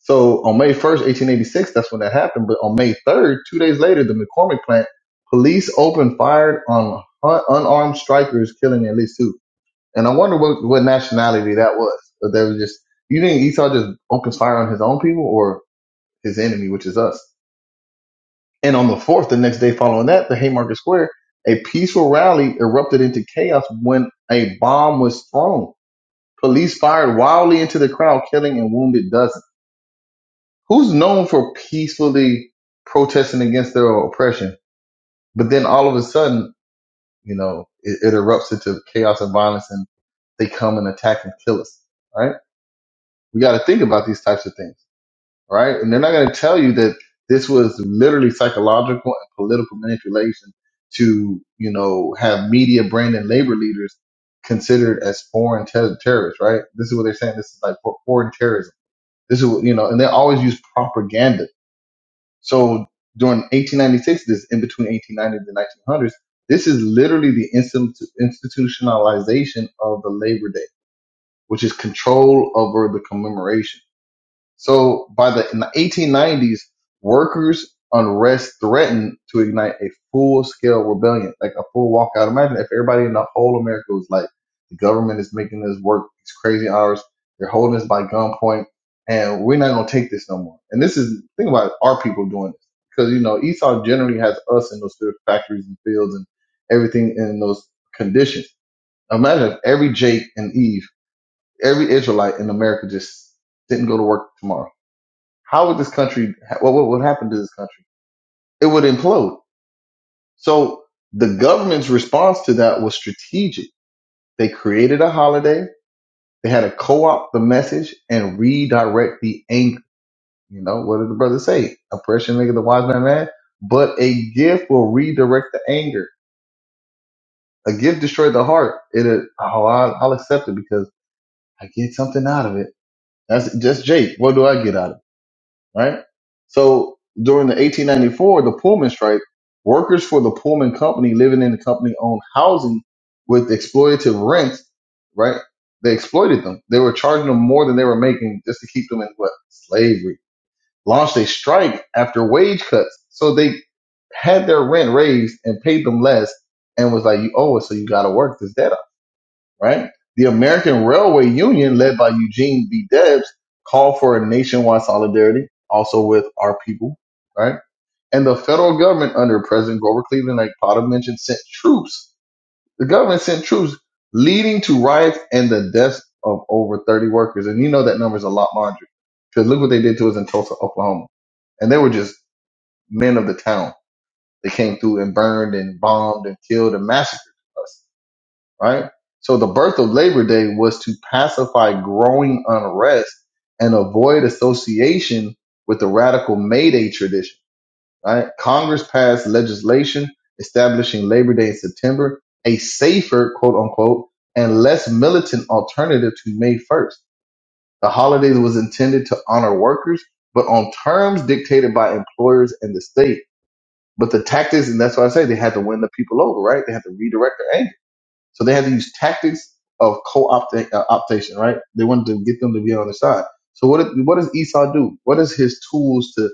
A: So on May 1st, 1886, that's when that happened. But on May 3rd, two days later, the McCormick plant, police opened fire on un- unarmed strikers, killing at least two. And I wonder what, what nationality that was. But they was just, you think Esau just opens fire on his own people or his enemy, which is us? And on the 4th, the next day following that, the Haymarket Square, a peaceful rally erupted into chaos when a bomb was thrown. Police fired wildly into the crowd, killing and wounded dozens. Who's known for peacefully protesting against their oppression, but then all of a sudden, you know, it, it erupts into chaos and violence and they come and attack and kill us, right? We got to think about these types of things, right? And they're not going to tell you that this was literally psychological and political manipulation to, you know, have media, brand, and labor leaders considered as foreign ter- terrorists, right? This is what they're saying. This is like for foreign terrorism. This is what, you know, and they always use propaganda So during 1896, this in between 1890 and the 1900s, this is literally the instant- institutionalization of the Labor Day, which is control over the commemoration. So by the in the 1890s, workers' unrest threatened to ignite a full-scale rebellion, like a full walkout. Imagine if everybody in the whole America was like, the government is making us work these crazy hours. They're holding us by gunpoint, and we're not gonna take this no more. And this is think about it, our people doing this because you know Esau generally has us in those factories and fields and everything in those conditions. Imagine if every Jake and Eve, every Israelite in America just didn't go to work tomorrow how would this country? What what would happen to this country? It would implode. So the government's response to that was strategic. They created a holiday. They had to co-opt the message and redirect the anger. You know what did the brother say? Oppression maketh the wise man mad, but a gift will redirect the anger. A gift destroyed the heart. It, Oh, I'll I'll accept it because I get something out of it. That's just Jake. What do I get out of it? right? So during the 1894, the Pullman strike, workers for the Pullman company living in the company owned housing with exploitative rents, right? They exploited them. They were charging them more than they were making just to keep them in what? Slavery. Launched a strike after wage cuts. So they had their rent raised and paid them less and was like, you owe us, so you got to work this deadline right? The American Railway Union, led by Eugene B. Debs, called for a nationwide solidarity, also with our people, right? And the federal government under President Grover Cleveland, like Potter mentioned, sent troops. The government sent troops, leading to riots and the deaths of over 30 workers. And you know that number is a lot larger because look what they did to us in Tulsa, Oklahoma. And they were just men of the town. They came through and burned and bombed and killed and massacred us right? So the birth of Labor Day was to pacify growing unrest and avoid association with the radical May Day tradition, right? Congress passed legislation establishing Labor Day in September, a safer, quote unquote, and less militant alternative to May 1st. The holiday was intended to honor workers, but on terms dictated by employers and the state. But the tactics, and that's why I say they had to win the people over, right? They had to redirect their anger so they had to use tactics of co-optation, uh, optation, right? They wanted to get them to be on their side. So what, did- what does Esau do? What is his tools to,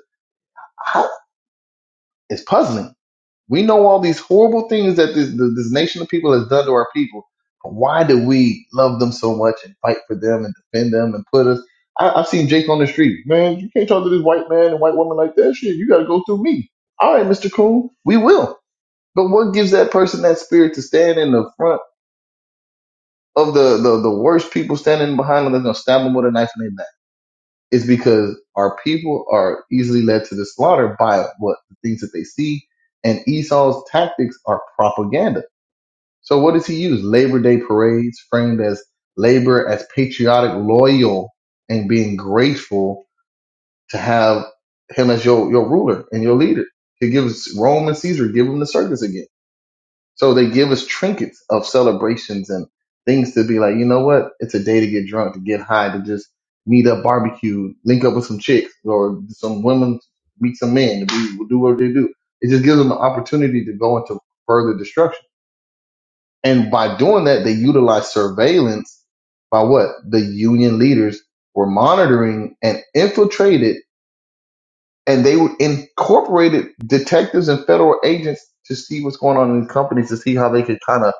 A: I- it's puzzling. We know all these horrible things that this, th- this nation of people has done to our people. But why do we love them so much and fight for them and defend them and put us? I, I've seen Jake on the street. Man, you can't talk to this white man and white woman like that. Shit, you got to go through me. All right, Mr. Coon, we will. But what gives that person that spirit to stand in the front? of the, the, the worst people standing behind them that's gonna stab them with a knife in their back is because our people are easily led to the slaughter by what the things that they see, and Esau's tactics are propaganda. So what does he use? Labor Day parades framed as labor as patriotic, loyal, and being grateful to have him as your, your ruler and your leader. He gives Rome and Caesar, give him the circus again. So they give us trinkets of celebrations and things to be like, you know what? It's a day to get drunk, to get high, to just meet up, barbecue, link up with some chicks or some women, meet some men, to be, do what they do. It just gives them the opportunity to go into further destruction. And by doing that, they utilize surveillance by what the union leaders were monitoring and infiltrated and they incorporated detectives and federal agents to see what's going on in companies to see how they could kind of,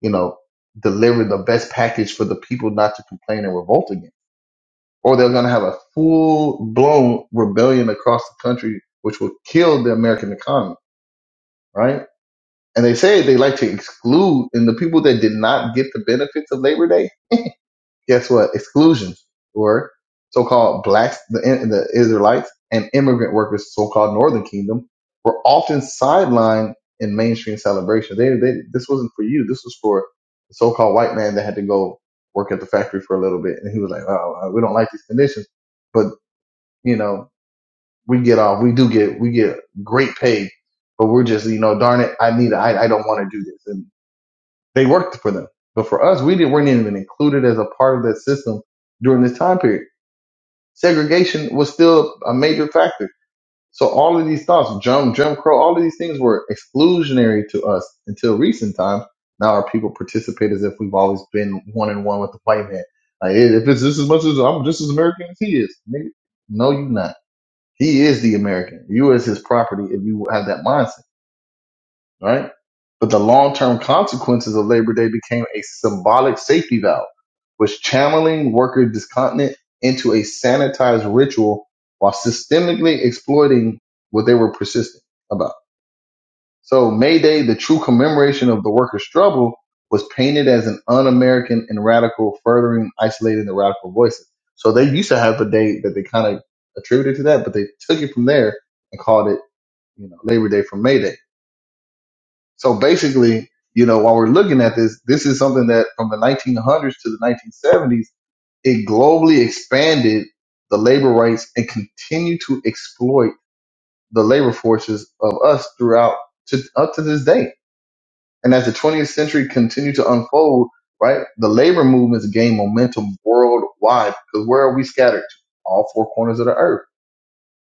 A: you know, deliver the best package for the people not to complain and revolt against. Or they're going to have a full blown rebellion across the country, which will kill the American economy, right? And they say they like to exclude, and the people that did not get the benefits of Labor Day, guess what? Exclusion or so-called blacks, the, the Israelites, and immigrant workers, so-called Northern Kingdom, were often sidelined in mainstream celebration. They, they, this wasn't for you. This was for the so-called white man that had to go work at the factory for a little bit, and he was like, "Oh, we don't like these conditions, but you know, we get off. We do get, we get great pay, but we're just, you know, darn it, I need, I, I don't want to do this." And they worked for them. But for us, we didn't, weren't even included as a part of that system during this time period. Segregation was still a major factor. So all of these thoughts, Jim, Jim Crow, all of these things were exclusionary to us until recent times. Now our people participate as if we've always been one and one with the white man. Like, hey, if it's just as much as I'm just as American as he is, nigga. No, you are not. He is the American. You is his property if you have that mindset right? But the long term consequences of Labor Day became a symbolic safety valve, was channeling worker discontent into a sanitized ritual while systemically exploiting what they were persistent about. So May Day, the true commemoration of the worker's struggle, was painted as an un American and radical, furthering isolating the radical voices. So they used to have a day that they kind of attributed to that, but they took it from there and called it, you know, Labor Day from May Day so basically, you know, while we're looking at this, this is something that from the 1900s to the 1970s, it globally expanded the labor rights and continued to exploit the labor forces of us throughout to, up to this day. And as the 20th century continued to unfold, right, the labor movements gained momentum worldwide because where are we scattered? All four corners of the earth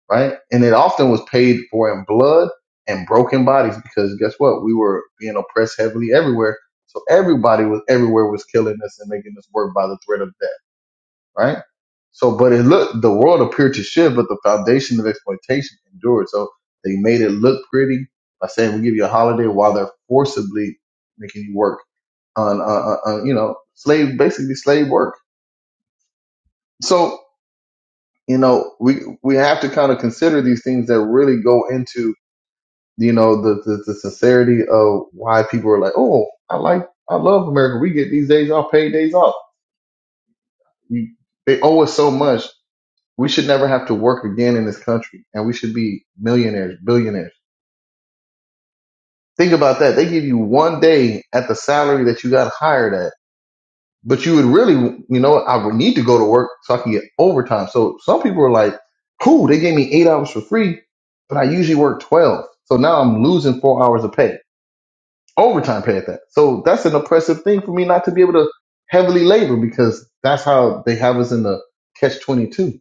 A: right? And it often was paid for in blood and broken bodies because guess what? We were being oppressed heavily everywhere. So everybody was everywhere was killing us and making us work by the threat of death, right? So, but it looked, the world appeared to shift, but the foundation of exploitation endured. So they made it look pretty by saying we give you a holiday while they're forcibly making you work on, uh, uh, uh, you know, slave, basically slave work. So, you know, we, we have to kind of consider these things that really go into you know the, the the sincerity of why people are like, oh, I like I love America. We get these days off, paid days off. We, they owe us so much. We should never have to work again in this country, and we should be millionaires, billionaires. Think about that. They give you one day at the salary that you got hired at, but you would really, you know, I would need to go to work so I can get overtime. So some people are like, cool, they gave me eight hours for free, but I usually work twelve. So now I'm losing four hours of pay overtime pay at that. So that's an oppressive thing for me not to be able to heavily labor because that's how they have us in the catch 22,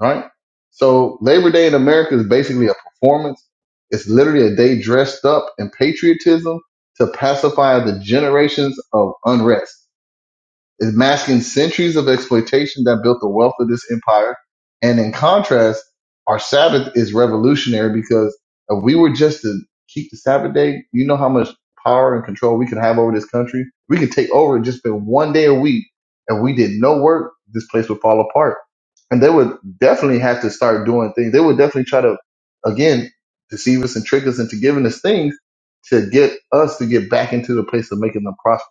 A: right? So Labor Day in America is basically a performance. It's literally a day dressed up in patriotism to pacify the generations of unrest is masking centuries of exploitation that built the wealth of this empire. And in contrast, our Sabbath is revolutionary because if we were just to keep the Sabbath day, you know how much power and control we could have over this country. We could take over it just for one day a week. and we did no work, this place would fall apart. And they would definitely have to start doing things. They would definitely try to, again, deceive us and trick us into giving us things to get us to get back into the place of making them prosperous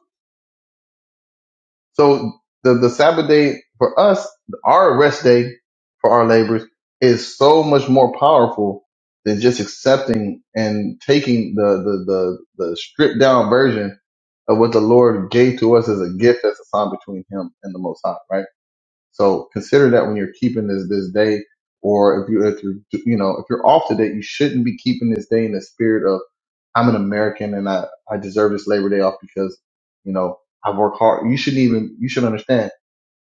A: so the, the Sabbath day for us, our rest day for our labors is so much more powerful than just accepting and taking the, the, the, the stripped down version of what the Lord gave to us as a gift that's assigned between him and the most high, right? So consider that when you're keeping this this day, or if you if you you know if you're off today, you shouldn't be keeping this day in the spirit of I'm an American and I I deserve this Labor Day off because you know I work hard. You shouldn't even you should understand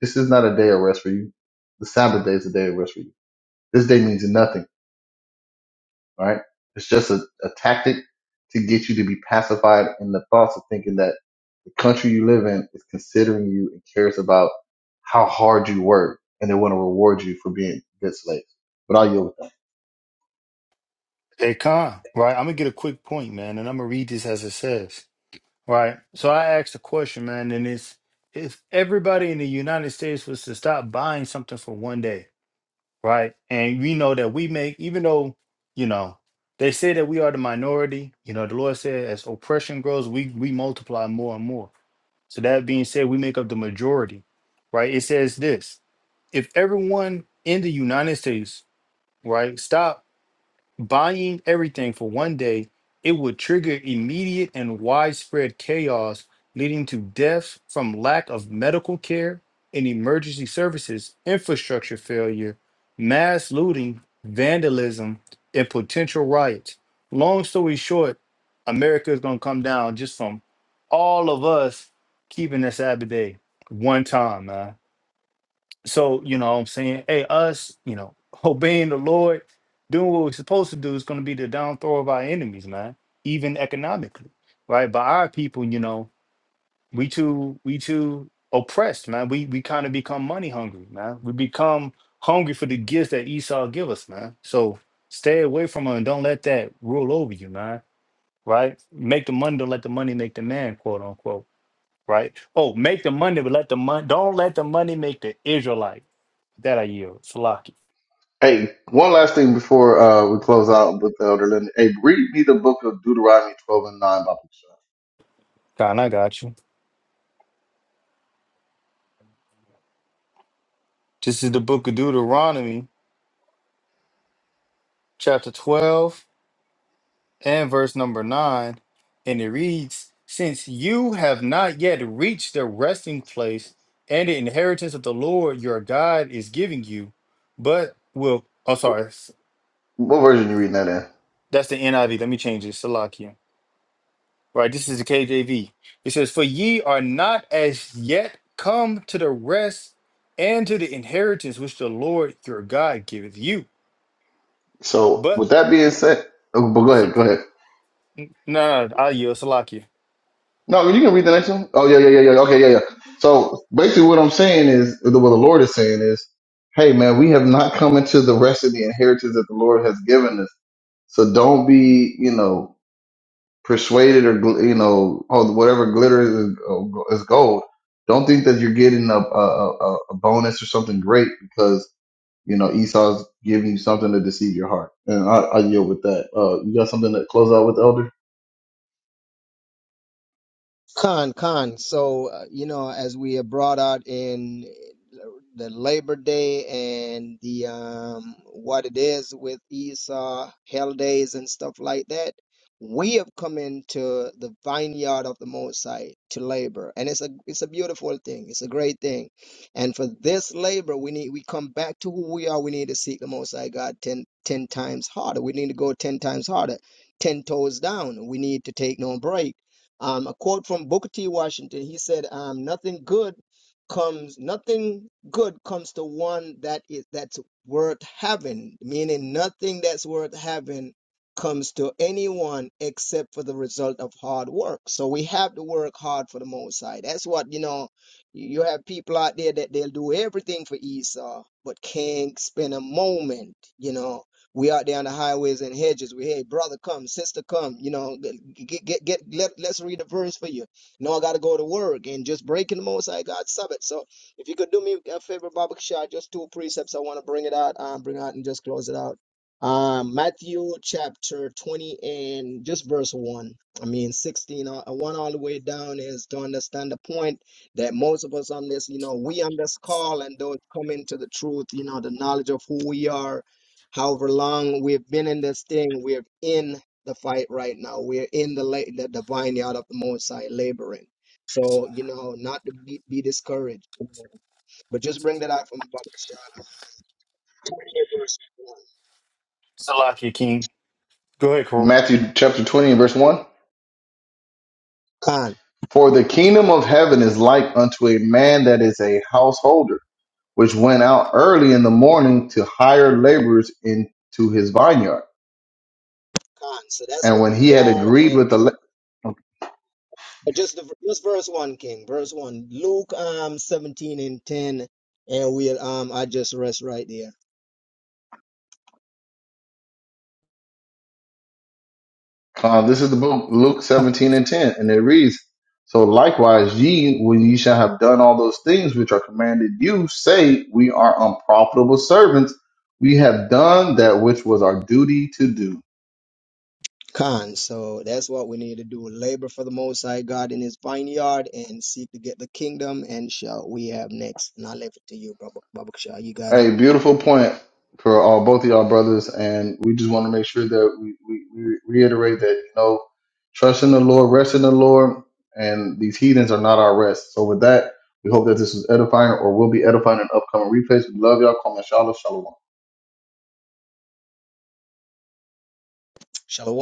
A: this is not a day of rest for you. The Sabbath day is a day of rest for you. This day means nothing right? It's just a, a tactic to get you to be pacified in the thoughts of thinking that the country you live in is considering you and cares about how hard you work and they want to reward you for being good slaves. But I'll yield with that.
B: They con, right? I'm going to get a quick point, man, and I'm going to read this as it says, right? So I asked a question, man, and it's if everybody in the United States was to stop buying something for one day, right? And we know that we make, even though, you know, they say that we are the minority. You know, the Lord said, as oppression grows, we we multiply more and more. So that being said, we make up the majority, right? It says this: if everyone in the United States, right, stop Buying everything for one day, it would trigger immediate and widespread chaos, leading to deaths from lack of medical care and emergency services, infrastructure failure, mass looting, vandalism, and potential riots. Long story short, America is going to come down just from all of us keeping this Sabbath day one time, man. So, you know what I'm saying? Hey, us, you know, obeying the Lord, doing what we're supposed to do is going to be the down throw of our enemies, man, even economically, right? But our people, you know, we too, we too oppressed, man. We we kind of become money hungry, man. We become hungry for the gifts that Esau give us, man. So stay away from her and don't let that rule over you, man. Right? Make the money, don't let the money make the man, quote unquote. Right? Oh, make the money, but let the money don't let the money make the Israelite that I yield. Salaki.
A: Hey, one last thing before uh, we close out with the elder Lenny. Hey, read me the book of Deuteronomy 12 and 9 by Bookshot.
B: God, I got you. This is the book of Deuteronomy, chapter 12, and verse number 9. And it reads Since you have not yet reached the resting place and the inheritance of the Lord your God is giving you, but will. Oh, sorry.
A: What version you reading that in?
B: That's the NIV. Let me change it. Salakia. Right. This is the KJV. It says, For ye are not as yet come to the rest and to the inheritance which the Lord your God giveth you.
A: So
B: but.'"
A: with that being said, oh, but go ahead,
B: So,
A: go ahead.
B: no, no, I'll yield. Salaki.
A: No, you can read the next one. Oh yeah, yeah, yeah, yeah. Okay, yeah, yeah. So basically, what I'm saying is, what the Lord is saying is, hey man, we have not come into the rest of the inheritance that the Lord has given us. So don't be, you know, persuaded or gl- you know, oh whatever glitters is, is gold. Don't think that you're getting a, a a a bonus or something great because you know Esau's giving you something to deceive your heart. And I, I yield with that. Uh, you got something to close out with, Elder?
C: Khan, Khan. So, uh, you know, as we have brought out in the Labor Day and the um, what it is with Esau, Hell Days, and stuff like that, we have come into the vineyard of the Most High to labor, and it's a it's a beautiful thing. It's a great thing, and for this labor, we need we come back to who we are. We need to seek the Most High God ten ten times harder. We need to go ten times harder, ten toes down. We need to take no break um, a quote from Booker T. Washington. He said, um, "Nothing good comes. Nothing good comes to one that is that's worth having. Meaning, nothing that's worth having comes to anyone except for the result of hard work. So we have to work hard for the most side. That's what you know. You have people out there that they'll do everything for Esau, but can't spend a moment. You know." We out there on the highways and hedges. We hey, brother, come, sister, come. You know, get get get. Let, let's read the verse for you. No, I gotta go to work and just breaking the Most High God's Sabbath. So if you could do me a favor, Baba Kishar, just two precepts. I want to bring it out, um, bring out and just close it out. Um, Matthew chapter 20 and just verse 1. I mean, 16, uh, uh, 1 all the way down is to understand the point that most of us on this, you know, we on this call and those coming to the truth, you know, the knowledge of who we are however long we've been in this thing, we're in the fight right now. We're in the la- the, the vineyard of the Most High laboring.
B: S-
C: So you know, not to be, be discouraged, but just bring that out from the Shah.
B: Salaki, King. Go ahead, Corey.
A: Matthew chapter 20 and verse one.
C: Khan,
A: For the kingdom of heaven is like unto a man that is a householder, which went out early in the morning to hire laborers into his vineyard.
C: Khan. So that's
A: And
C: what
A: when he
C: we
A: had
C: are,
A: agreed
C: and
A: with the,
C: c-
A: la-
C: just the, just verse one, King, verse one, Luke um seventeen and ten, and we'll um I just rest right there.
A: uh, this is the book, Luke 17 and 10, and it reads, So likewise, ye, when ye shall have done all those things which are commanded you, say, We are unprofitable servants. We have done that which was our duty to do.
C: Con. So that's what we need to do. Labor for the Most High God in his vineyard and seek to get the kingdom and shall we have next. And I leave it to you, Baba Baba Shah. You got it.
A: Hey, beautiful point for all both of y'all brothers, and we just want to make sure that we, we, we reiterate that you know, trust in the Lord, rest in the Lord, and these heathens are not our rest. So with that, we hope that this was edifying or will be edifying in upcoming replays. We love y'all. Comment, shalom, shalom.
C: Shalom.